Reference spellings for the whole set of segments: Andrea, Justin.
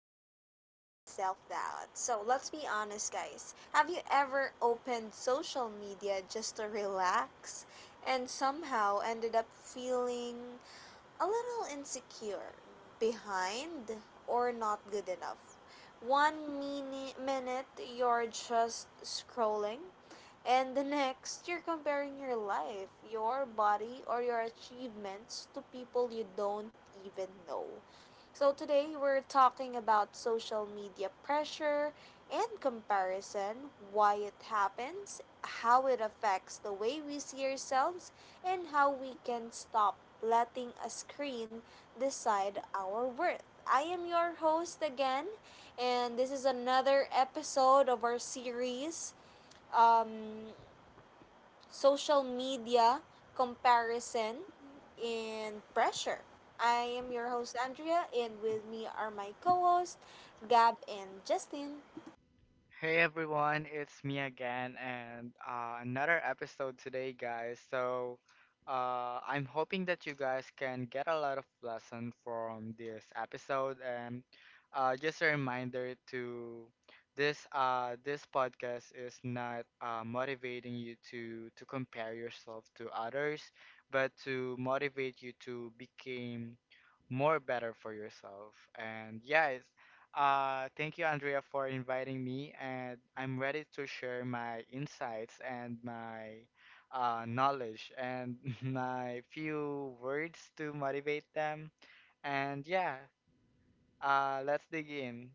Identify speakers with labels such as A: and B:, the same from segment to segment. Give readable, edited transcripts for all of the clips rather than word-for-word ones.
A: Self Doubt. So, let's be honest, guys. Have you ever opened social media just to relax and somehow ended up feeling a little insecure, behind, or not good enough? One minute you're just scrolling, and the next, you're comparing your life, your body, or your achievements to people you don't even know. So, today we're talking about social media pressure and comparison, why it happens, how it affects the way we see ourselves, and how we can stop letting a screen decide our worth. I am your host again, and this is another episode of our series. Um, Social media, comparison, and pressure. I am your host, Andrea, and with me are my co hosts Gab and Justin.
B: Hey everyone, it's me again, and another episode today, guys. So, I'm hoping that you guys can get a lot of lesson from this episode, and just a reminder to this this podcast is not motivating you to compare yourself to others, but to motivate you to become more better for yourself. And yeah, thank you, Andrea, for inviting me, and I'm ready to share my insights and my knowledge and my few words to motivate them. And yeah, let's dig in.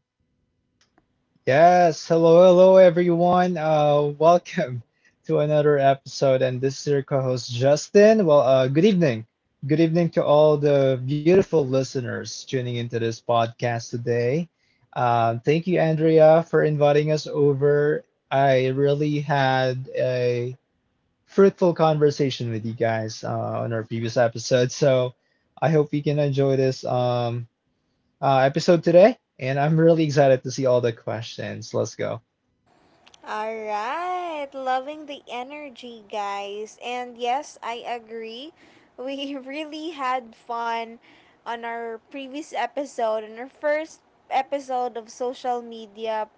C: Yes, hello, hello everyone. Welcome to another episode, and this is your co-host Justin. Well, good evening to all the beautiful listeners tuning into this podcast today. Thank you, Andrea, for inviting us over. I really had a fruitful conversation with you guys on our previous episode, so I hope you can enjoy this episode today. And I'm really excited to see all the questions. Let's go.
A: All right, loving the energy, guys. And yes, I agree. We really had fun on our previous episode, on our first episode of social media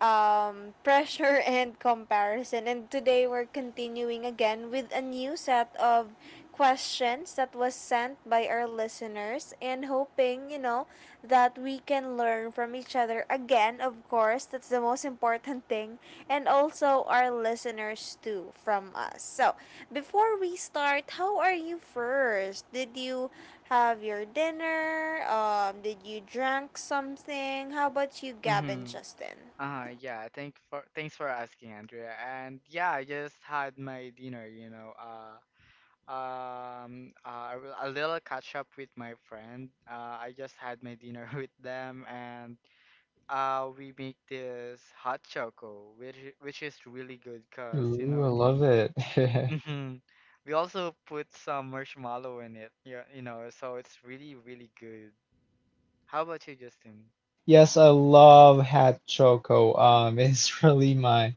A: pressure and comparison. And today we're continuing again with a new set of questions that was sent by our listeners and hoping, that we can learn from each other again, of course. That's the most important thing. And also our listeners too from us. So, before we start, how are you first? Did you have your dinner? Did you drink something? How about you, Gab and
B: Mm-hmm.
A: Justin?
B: Yeah, thanks for asking, Andrea. And yeah, I just had my dinner, you know, a little catch up with my friend. I just had my dinner with them and. We make this hot choco, which is really good, cause you
C: Ooh,
B: know
C: I love
B: the.
C: it.
B: Mhm. We also put some marshmallow in it. Yeah, you know, so it's really good. How about you, Justin?
C: Yes, I love hot choco. It's really my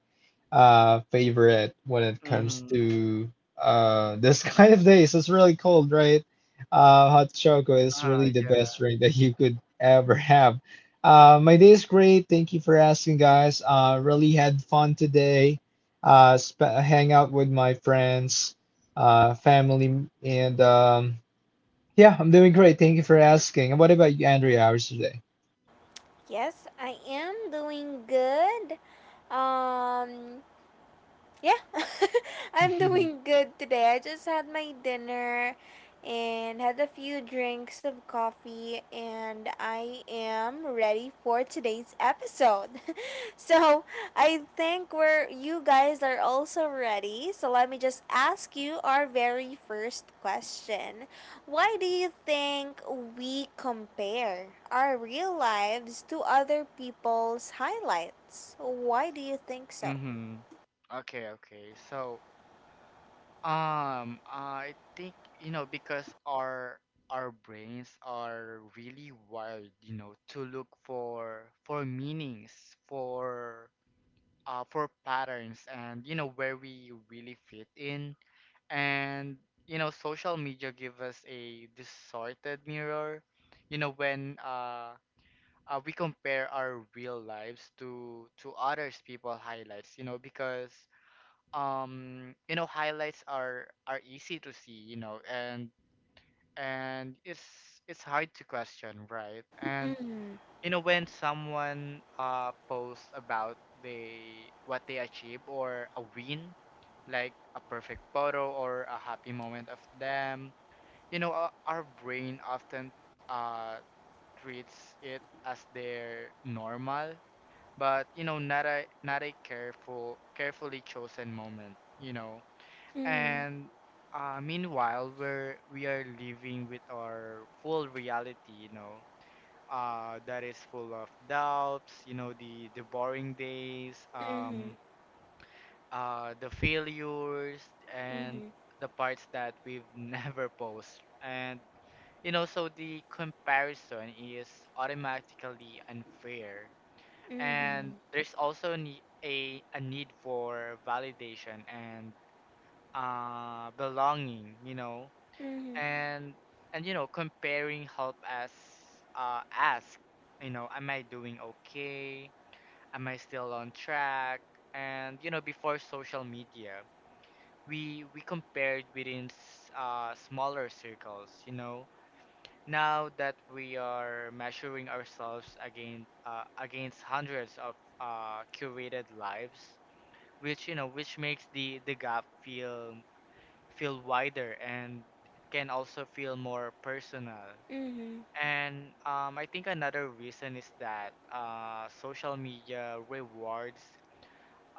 C: favorite when it comes
B: Mm-hmm.
C: to this kind of days. It's really cold, right? Hot choco is really the best
B: Yeah.
C: drink that you could ever have. My day is great. Thank you for asking, guys. Really had fun today. Sp hang out with my friends, family, and. Yeah, I'm doing great. Thank you for asking. And what about you, Andrea? How's your day?
A: Yes, I am doing good. Um, Yeah, I'm doing good today. I just had my dinner and had a few drinks of coffee, and I am ready for today's episode. So, I think we're you guys are also ready. So, let me just ask you our very first question. Why do you think we compare our real lives to other people's highlights? Why do you think so?
B: Mm-hmm. Okay, okay. So, I think, you know, because our brains are really wired, you know, to look for meanings, for patterns, and you know where we really fit in, and you know social media give us a distorted mirror, you know, when we compare our real lives to others people highlights, you know, because you know highlights are easy to see, you know, and and it's it's hard to question, right? And
A: Mm.
B: you know when someone posts about they what they achieve or a win, like a perfect photo or a happy moment of them, you know, our brain often uh treats it as their normal, but you know, not a carefully chosen moment, you know.
A: Mhm.
B: And meanwhile, we are living with our full reality, you know, that is full of doubts, you know, the boring days,
A: Mhm.
B: the failures, and
A: Mhm.
B: the parts that we've never post. And you know, so the comparison is automatically unfair. And
A: Mhm.
B: there's also ne a need for validation and belonging, you know.
A: Mhm.
B: And and you know comparing help us ask, you know, am I doing okay, am I still on track? And you know, before social media, we compared within smaller circles, you know. Now that we are measuring ourselves against against hundreds of curated lives, which which makes the gap feel wider, and can also feel more personal.
A: Mhm.
B: And I think another reason is that social media rewards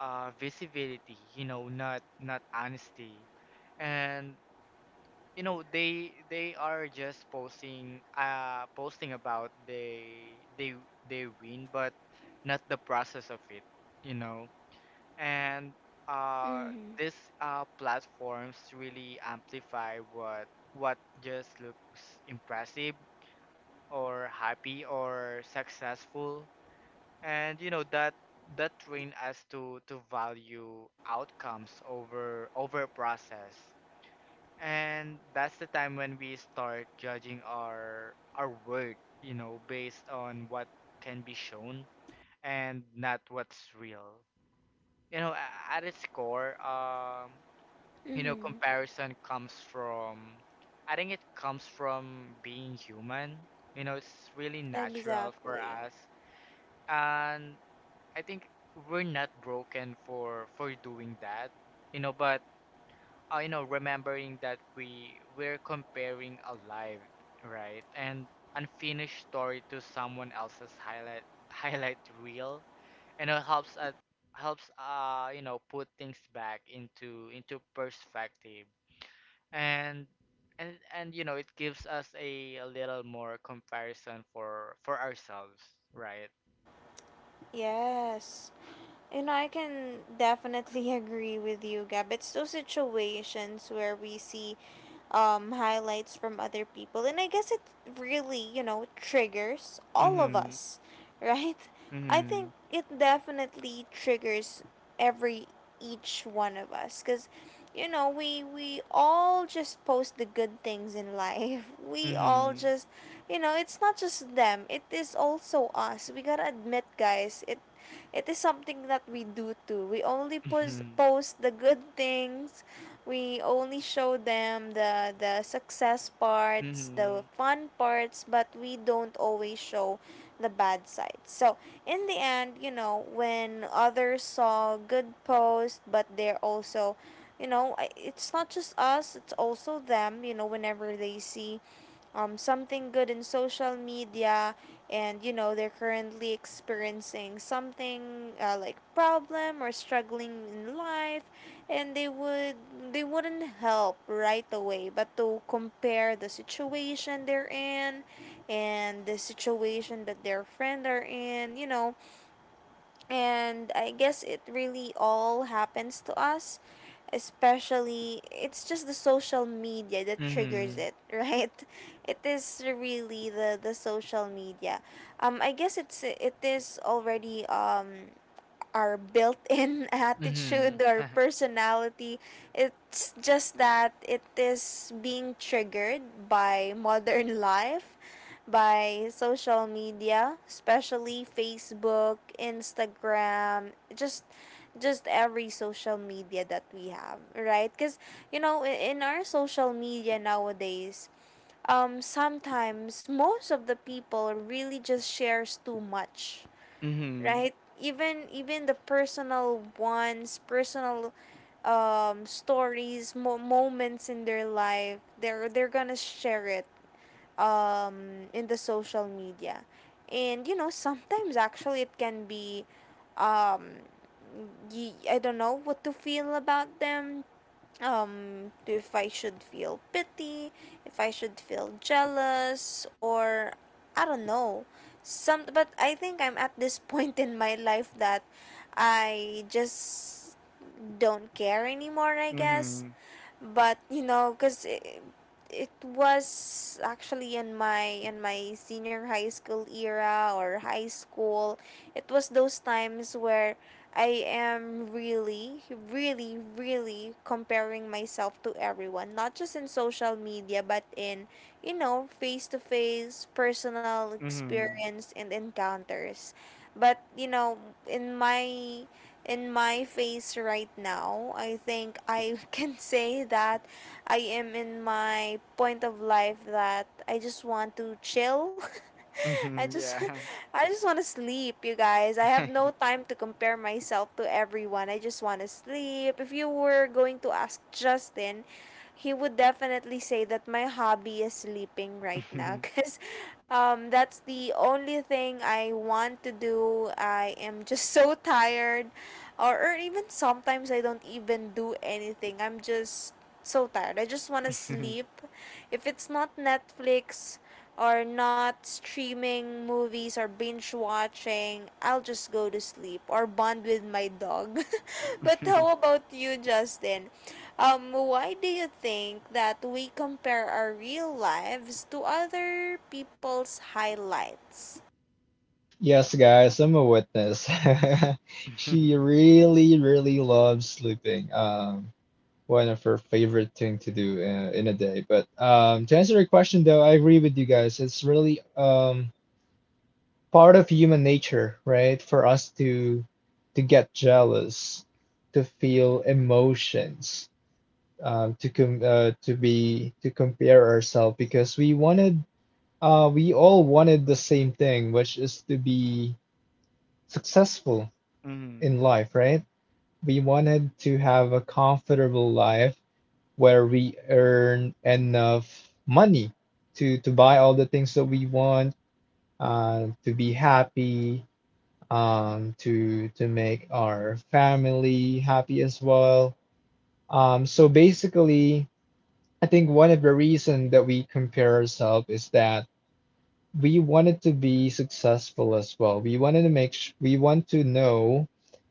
B: visibility, you know, not honesty. And you know, they are just posting posting about they win, but not the process of it, you know. And uh,
A: Mhm.
B: these platforms really amplify what just looks impressive or happy or successful. And you know that train us to value outcomes over process. And that's the time when we start judging our worth, you know, based on what can be shown and not what's real. You know, at its core, you know
A: Mhm.
B: comparison comes from, I think it comes from being human, you know. It's really natural for
A: Exactly.
B: us. And I think we're not broken for doing that, you know. But you know, remembering that we're comparing a live, right, and unfinished story to someone else's highlight highlight reel, and it helps us, helps you know, put things back into perspective. And and and you know, it gives us a little more comparison for ourselves, right?
A: Yes. You know, I can definitely agree with you, Gab. It's those situations where we see highlights from other people. And I guess it really, triggers all of
B: Mm-hmm.
A: us, right? I think
B: Mm-hmm.
A: it definitely triggers every each one of us, because we all just post the good things in life. We all
B: Mm-hmm.
A: just it's not just them, it is also us. We gotta admit, guys, it is something that we do too. We only post the good things, we only show them the success parts, the
B: Mm-hmm.
A: fun parts, but we don't always show the bad side. So in the end, when others saw good posts, but they're also it's not just us, it's also them, whenever they see something good in social media, and they're currently experiencing something like problem or struggling in life, and they wouldn't help right away, but to compare the situation they're in and the situation that their friend are in. And I guess it really all happens to us. Especially, it's just the social media that triggers
B: Mm-hmm.
A: it, right? It is really the social media. I guess it is already our built-in
B: Mm-hmm.
A: attitude or
B: Mm-hmm.
A: personality. It's just that it is being triggered by modern life, by social media, especially Facebook, Instagram, just every social media that we have, right? Cuz in our social media nowadays, sometimes most of the people really just shares too much,
B: Mm-hmm.
A: right? Even the personal ones, personal stories, moments in their life, they're gonna share it in the social media. And you know sometimes actually it can be, um I don't know what to feel about them. If I should feel pity, if I should feel jealous, or I don't know. Some But I think I'm at this point in my life that I just don't care anymore, I guess
B: Mm-hmm.
A: but you know because it was actually in my senior high school era or high school. It was those times where I am really really really comparing myself to everyone, not just in social media but in face to face personal
B: Mm-hmm.
A: experience and encounters. But in my face right now, I think I can say that I am in my point of life that I just want to chill. I
B: Mm-hmm.
A: just
B: Yeah.
A: I just want to sleep, you guys. I have no time to compare myself to everyone. I just want to sleep. If you were going to ask Justin, he would definitely say that my hobby is sleeping right
B: Mm-hmm.
A: now because that's the only thing I want to do. I am just so tired, or even sometimes I don't even do anything. I'm just so tired. I just want to sleep. If it's not Netflix, or not streaming movies or binge watching, I'll just go to sleep or bond with my dog. But how about you, Justin? Why do you think that we compare our real lives to other people's highlights?
C: Yes, guys, I'm a witness. She really, really loves sleeping. One of her favorite thing to do in a day. But to answer your question, though, I agree with you guys. It's really part of human nature, right? For us to get jealous, to feel emotions, to compare ourselves because we all wanted the same thing, which is to be successful
B: Mm-hmm.
C: in life, right? We wanted to have a comfortable life where we earn enough money to buy all the things that we want, to be happy, to make our family happy as well. So basically, I think one of the reason that we compare ourselves is that we wanted to be successful as well. We want to know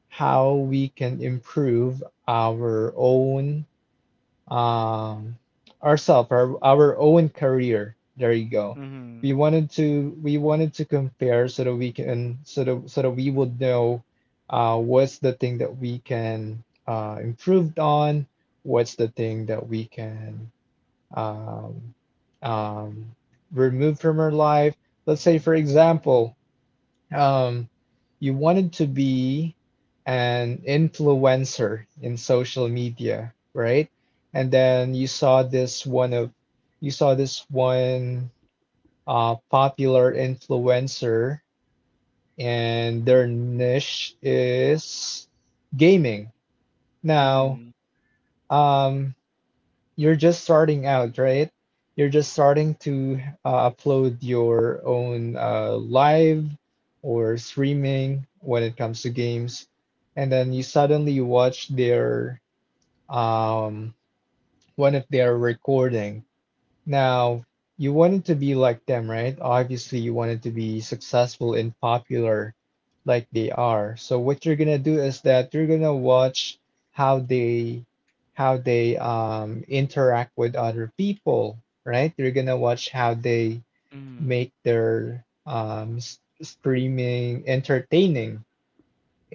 C: how we can improve our own um our own career. There you go.
B: Mm-hmm.
C: We wanted to compare so that so that we would know what's the thing that we can improved on, what's the thing that we can um, um, removed from her life. Let's say, for example, um, you wanted to be an influencer in social media, right? And then you saw this one popular influencer, and their niche is gaming. Now,
B: Mm-hmm.
C: um, you're just starting out, right? You're just starting to upload your own live or streaming when it comes to games, and then you suddenly watch their um, one of their recording, now, you wanted to be like them, right? Obviously, you wanted to be successful and popular like they are. So what you're gonna do is that you're gonna watch how they how they interact with other people, right? You're gonna watch how they
B: Mm-hmm.
C: make their streaming entertaining.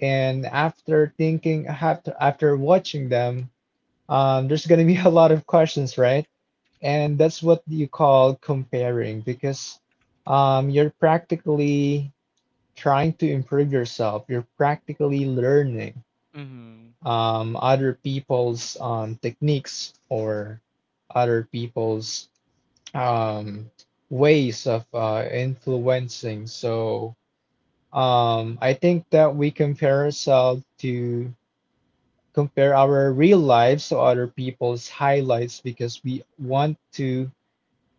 C: And after thinking after after watching them, there's gonna be a lot of questions, right? And that's what you call comparing because you're practically trying to improve yourself. You're practically learning
B: Mm-hmm. Mm-hmm.
C: other people's techniques or other people's um, ways of influencing. So I think that we compare ourselves to compare our real lives to other people's highlights because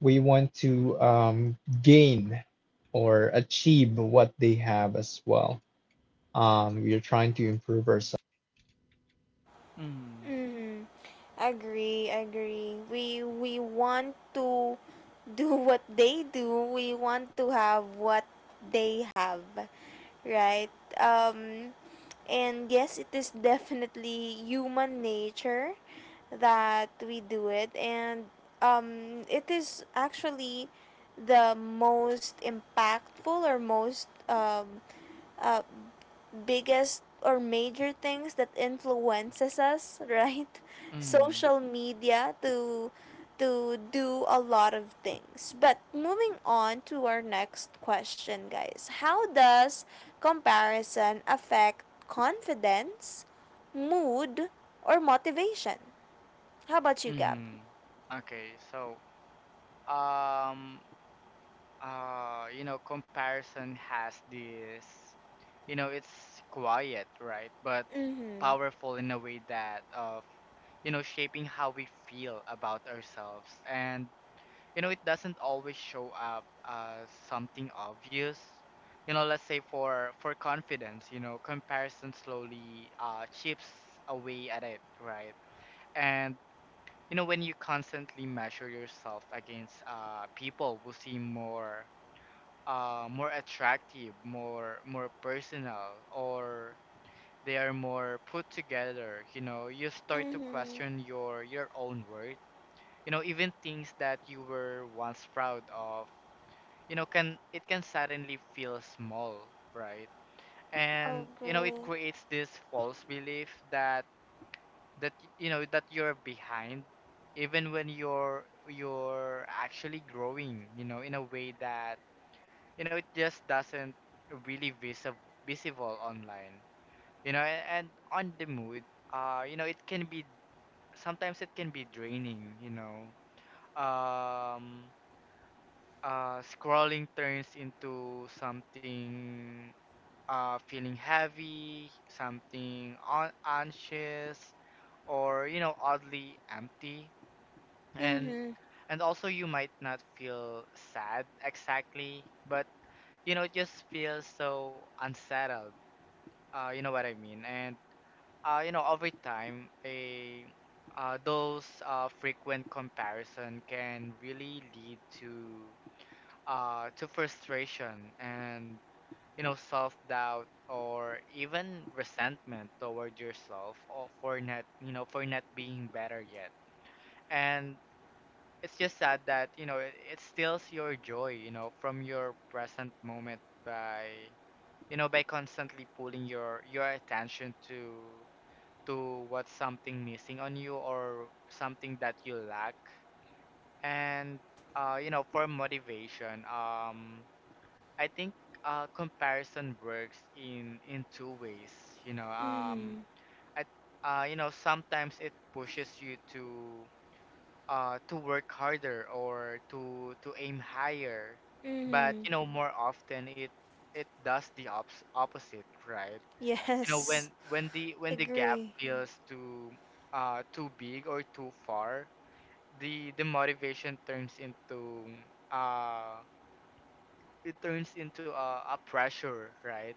C: we want to gain or achieve what they have as well. We are trying to improve ourselves.
A: Mm-hmm. Agree, agree. We want to do what they do. We want to have what they have, right? And yes, it is definitely human nature that we do it, and it is actually the most impactful or most uh, biggest or major things that influences us, right?
B: Mm-hmm.
A: Social media to do a lot of things. But moving on to our next question, guys. How does comparison affect confidence, mood, or motivation? How about you, Gab?
B: Mm-hmm. Okay, so um you know, comparison has this, you know, it's quiet, right, but
A: Mhm.
B: powerful in a way that of, you know, shaping how we feel about ourselves. And you know, it doesn't always show up as something obvious. You know, let's say for confidence, you know, comparison slowly chips away at it, right? And you know, when you constantly measure yourself against people who seem more, more attractive, more personal, or they are more put together. You know, you start to
A: Mhm.
B: question your own worth. You know, even things that you were once proud of, you know, can it can suddenly feel small, right? And you know, it
A: Agree.
B: creates this false belief that you know that you're behind, even when you're actually growing. You know, in a way that you know it just doesn't really visible online, you know. And on the mood, you know, it can be, sometimes it can be draining, you know. um Scrolling turns into something, feeling heavy, something on anxious, or you know, oddly empty. and
A: Mhm.
B: and also, you might not feel sad exactly, but you know, it just feels so unsettled. You know what I mean. And you know, over time, a those frequent comparison can really lead to frustration and, you know, self-doubt, or even resentment toward yourself or for not, you know, for not being better yet. And it's just sad that you know it steals your joy, you know, from your present moment by, you know, by constantly pulling your attention to what's something missing on you or something that you lack. And you know, for motivation, I think comparison works in two ways. You know,
A: Mhm.
B: I you know, sometimes it pushes you to, to work harder or to aim higher, but
A: Mhm.
B: you know, more often it does the ops opposite, right? You know,
A: Yes.
B: when when the gap
A: Agree.
B: feels too, too big or too far, the motivation turns into, uh it turns into a pressure, right?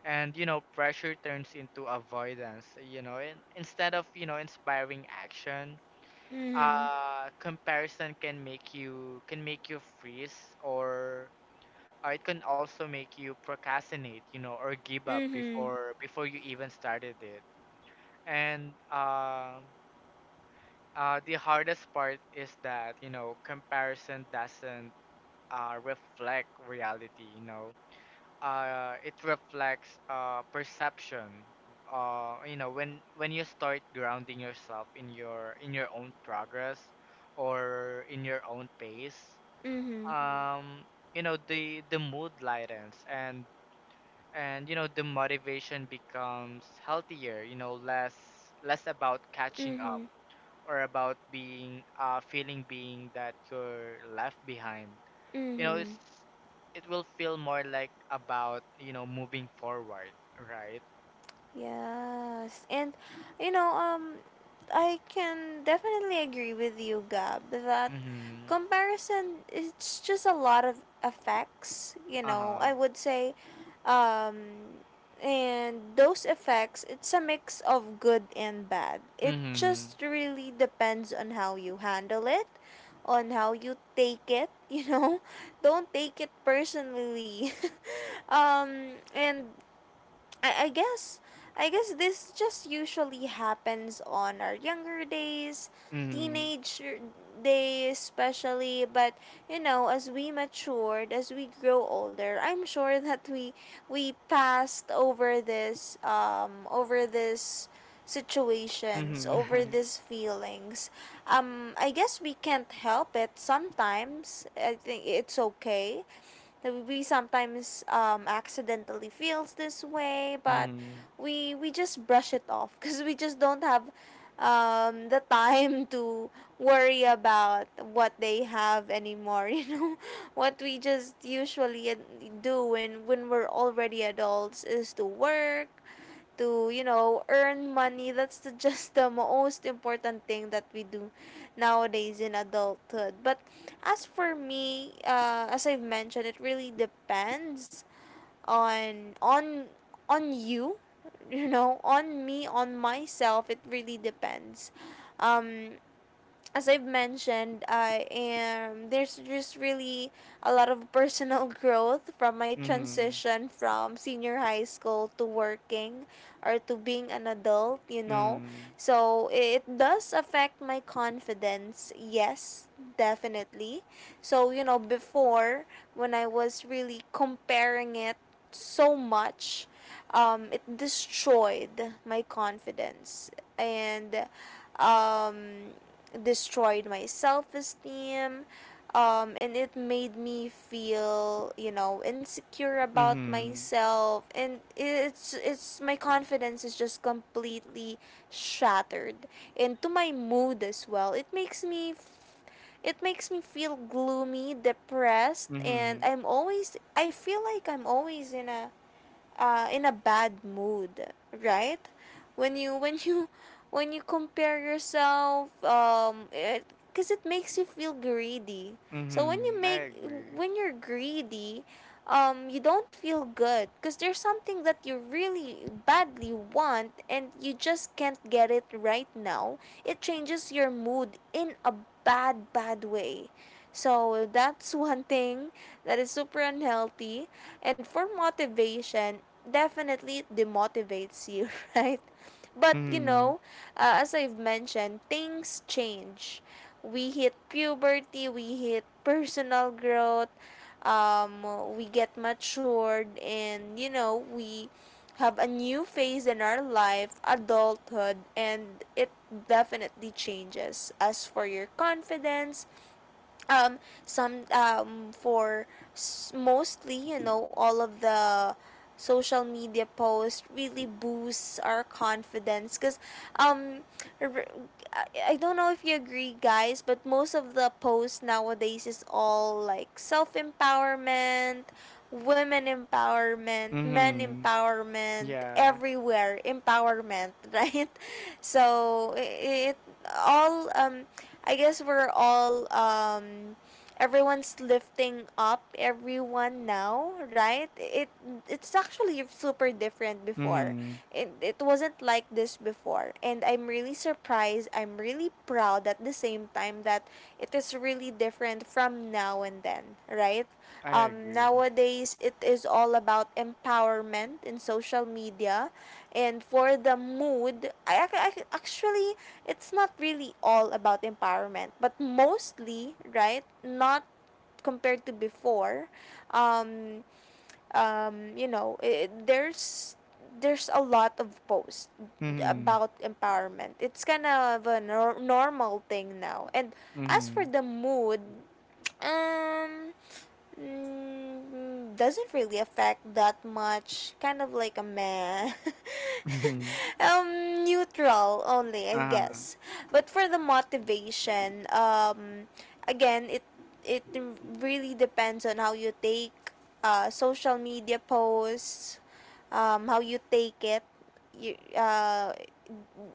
B: And you know, pressure turns into avoidance, you know. And instead of, you know, inspiring action,
A: Mhm.
B: comparison can make you freeze, or or it can also make you procrastinate, you know, or give up
A: Mm-hmm.
B: before you even started it. And the hardest part is that, you know, comparison doesn't reflect reality, you know. It reflects perception. You know, when you start grounding yourself in your own progress, or in your own pace,
A: Mm-hmm.
B: um, you know, the mood lightens. And you know, the motivation becomes healthier, you know, less, less about catching up
A: Mm-hmm.
B: or about being feeling being that you're left behind. You know,
A: Mm-hmm.
B: it's, it will feel more like about, you know, moving forward, right?
A: Yes. And you know, um I can definitely agree with you, Gab, that
B: Mm-hmm.
A: comparison, it's just a lot of effects. I
B: Uh-huh.
A: would say um and those effects, it's a mix of good and bad. It
B: Mm-hmm.
A: just really depends on how you handle it, on how you take it, you know. Don't take it personally. And I guess I guess this just usually happens on our younger days,
B: Mm-hmm.
A: teenage days especially. But as we matured, as we grow older, I'm sure that we passed over this, over this situations, over
B: Mm-hmm.
A: these feelings. I guess we can't help it sometimes. I think it's okay that we sometimes accidentally feels this way, but
B: Mm-hmm.
A: we just brush it off because we just don't have the time to worry about what they have anymore. You know, what we just usually do when we're already adults is to work, to earn money. That's the, just the most important thing that we do nowadays in adulthood. But as for me, as I've mentioned, it really depends on on on you. You know, on me, on myself, it really depends. um as I've mentioned, I am there's just really a lot of personal growth from my
B: Mm-hmm.
A: transition from senior high school to working, or to being an adult. So it does affect my confidence, yes, definitely. So, before when I was really comparing it so much, it destroyed my confidence, and um destroyed my self-esteem, and it made me feel, insecure
B: Mm-hmm.
A: about
B: Mm-hmm.
A: myself, and it's my confidence is just completely shattered. And to my mood as well, it makes me feel gloomy, depressed, and
B: Mm-hmm.
A: I feel like I'm always in a, uh, bad mood, right? When you when you compare yourself, it' because it makes you feel greedy. So
B: Mm-hmm. I agree.
A: when you're greedy, you don't feel good because there's something that you really badly want and you just can't get it right now. It changes your mood in a bad bad way. So that's one thing that is super unhealthy. And for motivation, definitely it demotivates you, right? But
B: Mm-hmm.
A: as I've mentioned, things change. We hit puberty, we hit personal growth, um, we get matured, and, you know, we have a new phase in our life, adulthood, and it definitely changes. As for your confidence, um some um for mostly, all of the social media posts really boosts our confidence because um r- I don't know if you agree, guys, but most of the posts nowadays is all like self-empowerment, women empowerment, men
B: Mm-hmm.
A: empowerment,
B: Yeah.
A: everywhere empowerment, right? So it all, I guess we're all everyone's lifting up everyone now, right? It's actually super different before.
B: Mm-hmm.
A: It wasn't like this before. And I'm really surprised, I'm really proud at the same time that it is really different from now and then, right?
B: I agree.
A: Nowadays, it is all about empowerment in social media. And for the mood, actually, it's not really all about empowerment, but mostly, right? Not compared to before. um it, there's a lot of posts
B: Mm-hmm.
A: about empowerment. It's kind of a normal thing now. And as for
B: Mm-hmm.
A: the mood, um, doesn't really affect that much. Kind of like a meh.
B: Mm-hmm.
A: Neutral only, I
B: Uh-huh.
A: guess. But for the motivation, again, it really depends on how you take, social media posts, how you take it. You,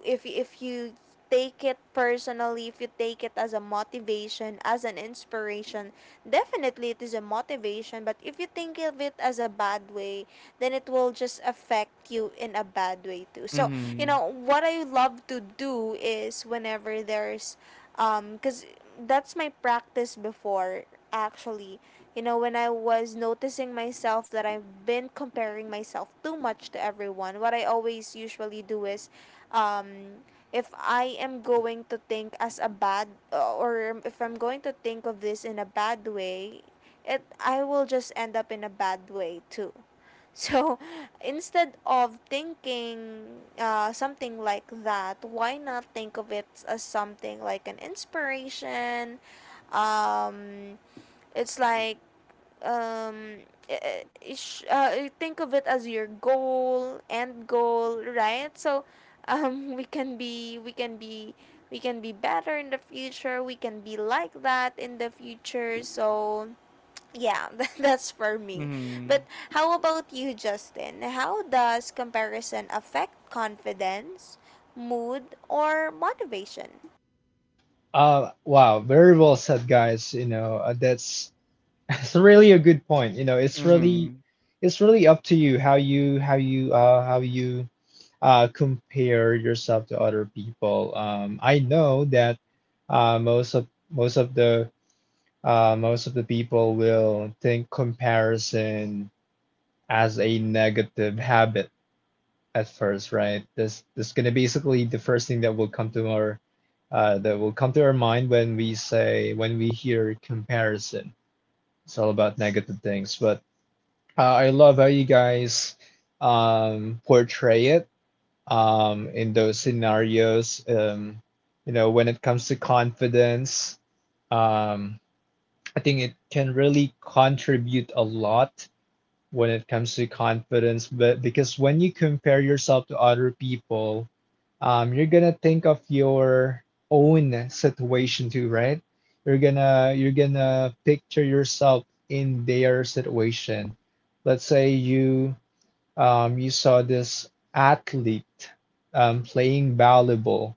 A: if you take it personally, if you take it as a motivation, as an inspiration, definitely it is a motivation. But if you think of it as a bad way, then it will just affect you in a bad way too. So, you
B: Mm-hmm.
A: know, what I love to do is whenever there's, because that's my practice before, actually. You know, when I was noticing myself that I've been comparing myself too much to everyone, what I always usually do is, um if I am going to think as a bad, or if I'm going to think of this in a bad way, it I will just end up in a bad way too. So instead of thinking something like that, why not think of it as something like an inspiration? Um, it's like, um think of it as your goal end goal, right? So we can be we can be we can be better in the future, we can be like that in the future. So yeah, that's for me.
B: Mhm.
A: But how about you, Justin? How does comparison affect confidence, mood, or motivation?
C: Wow, very well said, guys. You know, that's that's really a good point. You know,
B: Mhm.
C: it's really up to you how you compare yourself to other people. I know that uh, most of most of the most of the people will think comparison as a negative habit at first, right? This is gonna basically the first thing that will come to our that will come to our mind when we say when we hear comparison. It's all about negative things, but uh, I love how you guys portray it in those scenarios. You know, when it comes to confidence, um, I think it can really contribute a lot when it comes to confidence but because when you compare yourself to other people, you're gonna think of your own situation too, right? You're gonna picture yourself in their situation. Let's say you, you saw this athlete playing volleyball,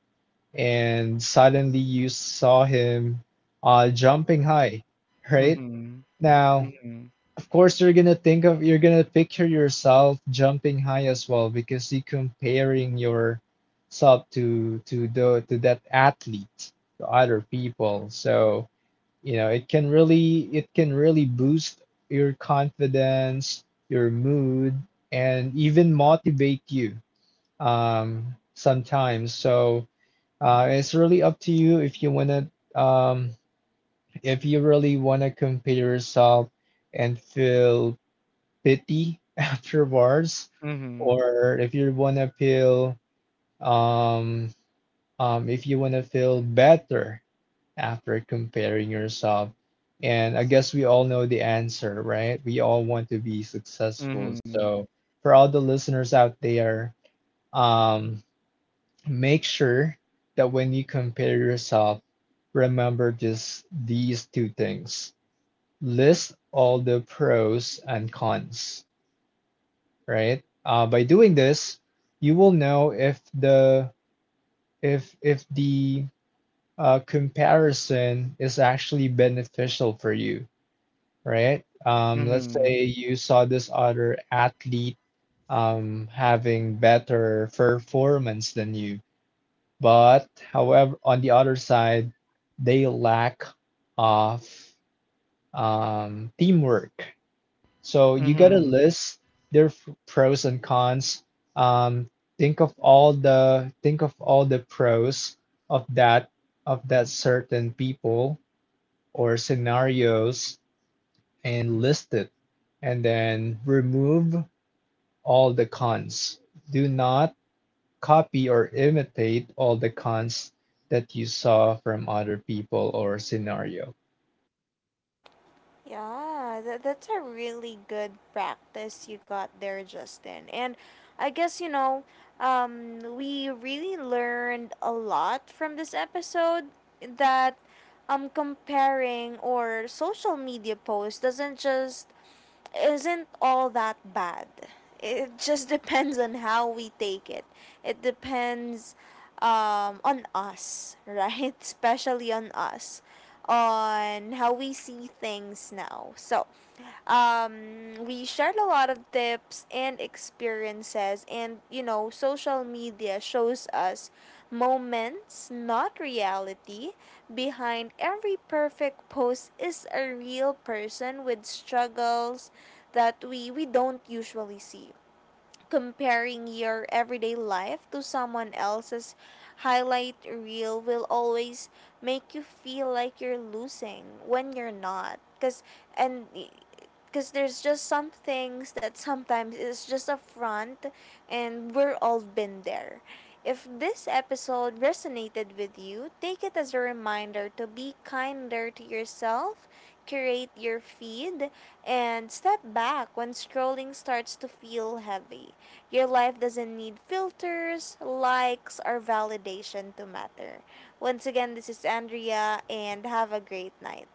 C: and suddenly you saw him jumping high, right?
B: Mhm.
C: Now,
B: Mhm.
C: course you're gonna think of, you're gonna picture yourself jumping high as well because you're comparing yourself to the to that athlete, to other people. So, you know, it can really boost your confidence, your mood, and even motivate you um sometimes. So it's really up to you if you wanna, um, if you really wanna compare yourself and feel pity afterwards,
B: Mhm.
C: or if you want to feel, um, if you want to feel better after comparing yourself. And I guess we all know the answer, right? We all want to be successful.
B: Mhm.
C: So for all the listeners out there, um, make sure that when you compare yourself, remember just these two things. List all the pros and cons, right? By doing this, you will know if the if the comparison is actually beneficial for you, right? Let's
B: Mhm.
C: say you saw this other athlete having better performance than you, but however, on the other side, they lack of teamwork. So you gotta
B: Mhm.
C: list their pros and cons. Um, think of all the think of all the pros of that of that certain people or scenarios, and list it, and then remove all the cons. Do not copy or imitate all the cons that you saw from other people or scenario.
A: Yeah, that's a really good practice you got there, Justin. And I guess, we really learned a lot from this episode, that, comparing or social media posts doesn't just isn't all that bad. It just depends on how we take it. It depends, on us, right? Especially on us, on how we see things now. So, we shared a lot of tips and experiences, and, you know, social media shows us moments, not reality. Behind every perfect post is a real person with struggles that we don't usually see. Comparing your everyday life to someone else's highlight reel will always make you feel like you're losing when you're not, cuz and because there's just some things that sometimes is just a front, and we're all been there. If this episode resonated with you, take it as a reminder to be kinder to yourself, curate your feed, and step back when scrolling starts to feel heavy. Your life doesn't need filters, likes, or validation to matter. Once again, this is Andrea, and have a great night.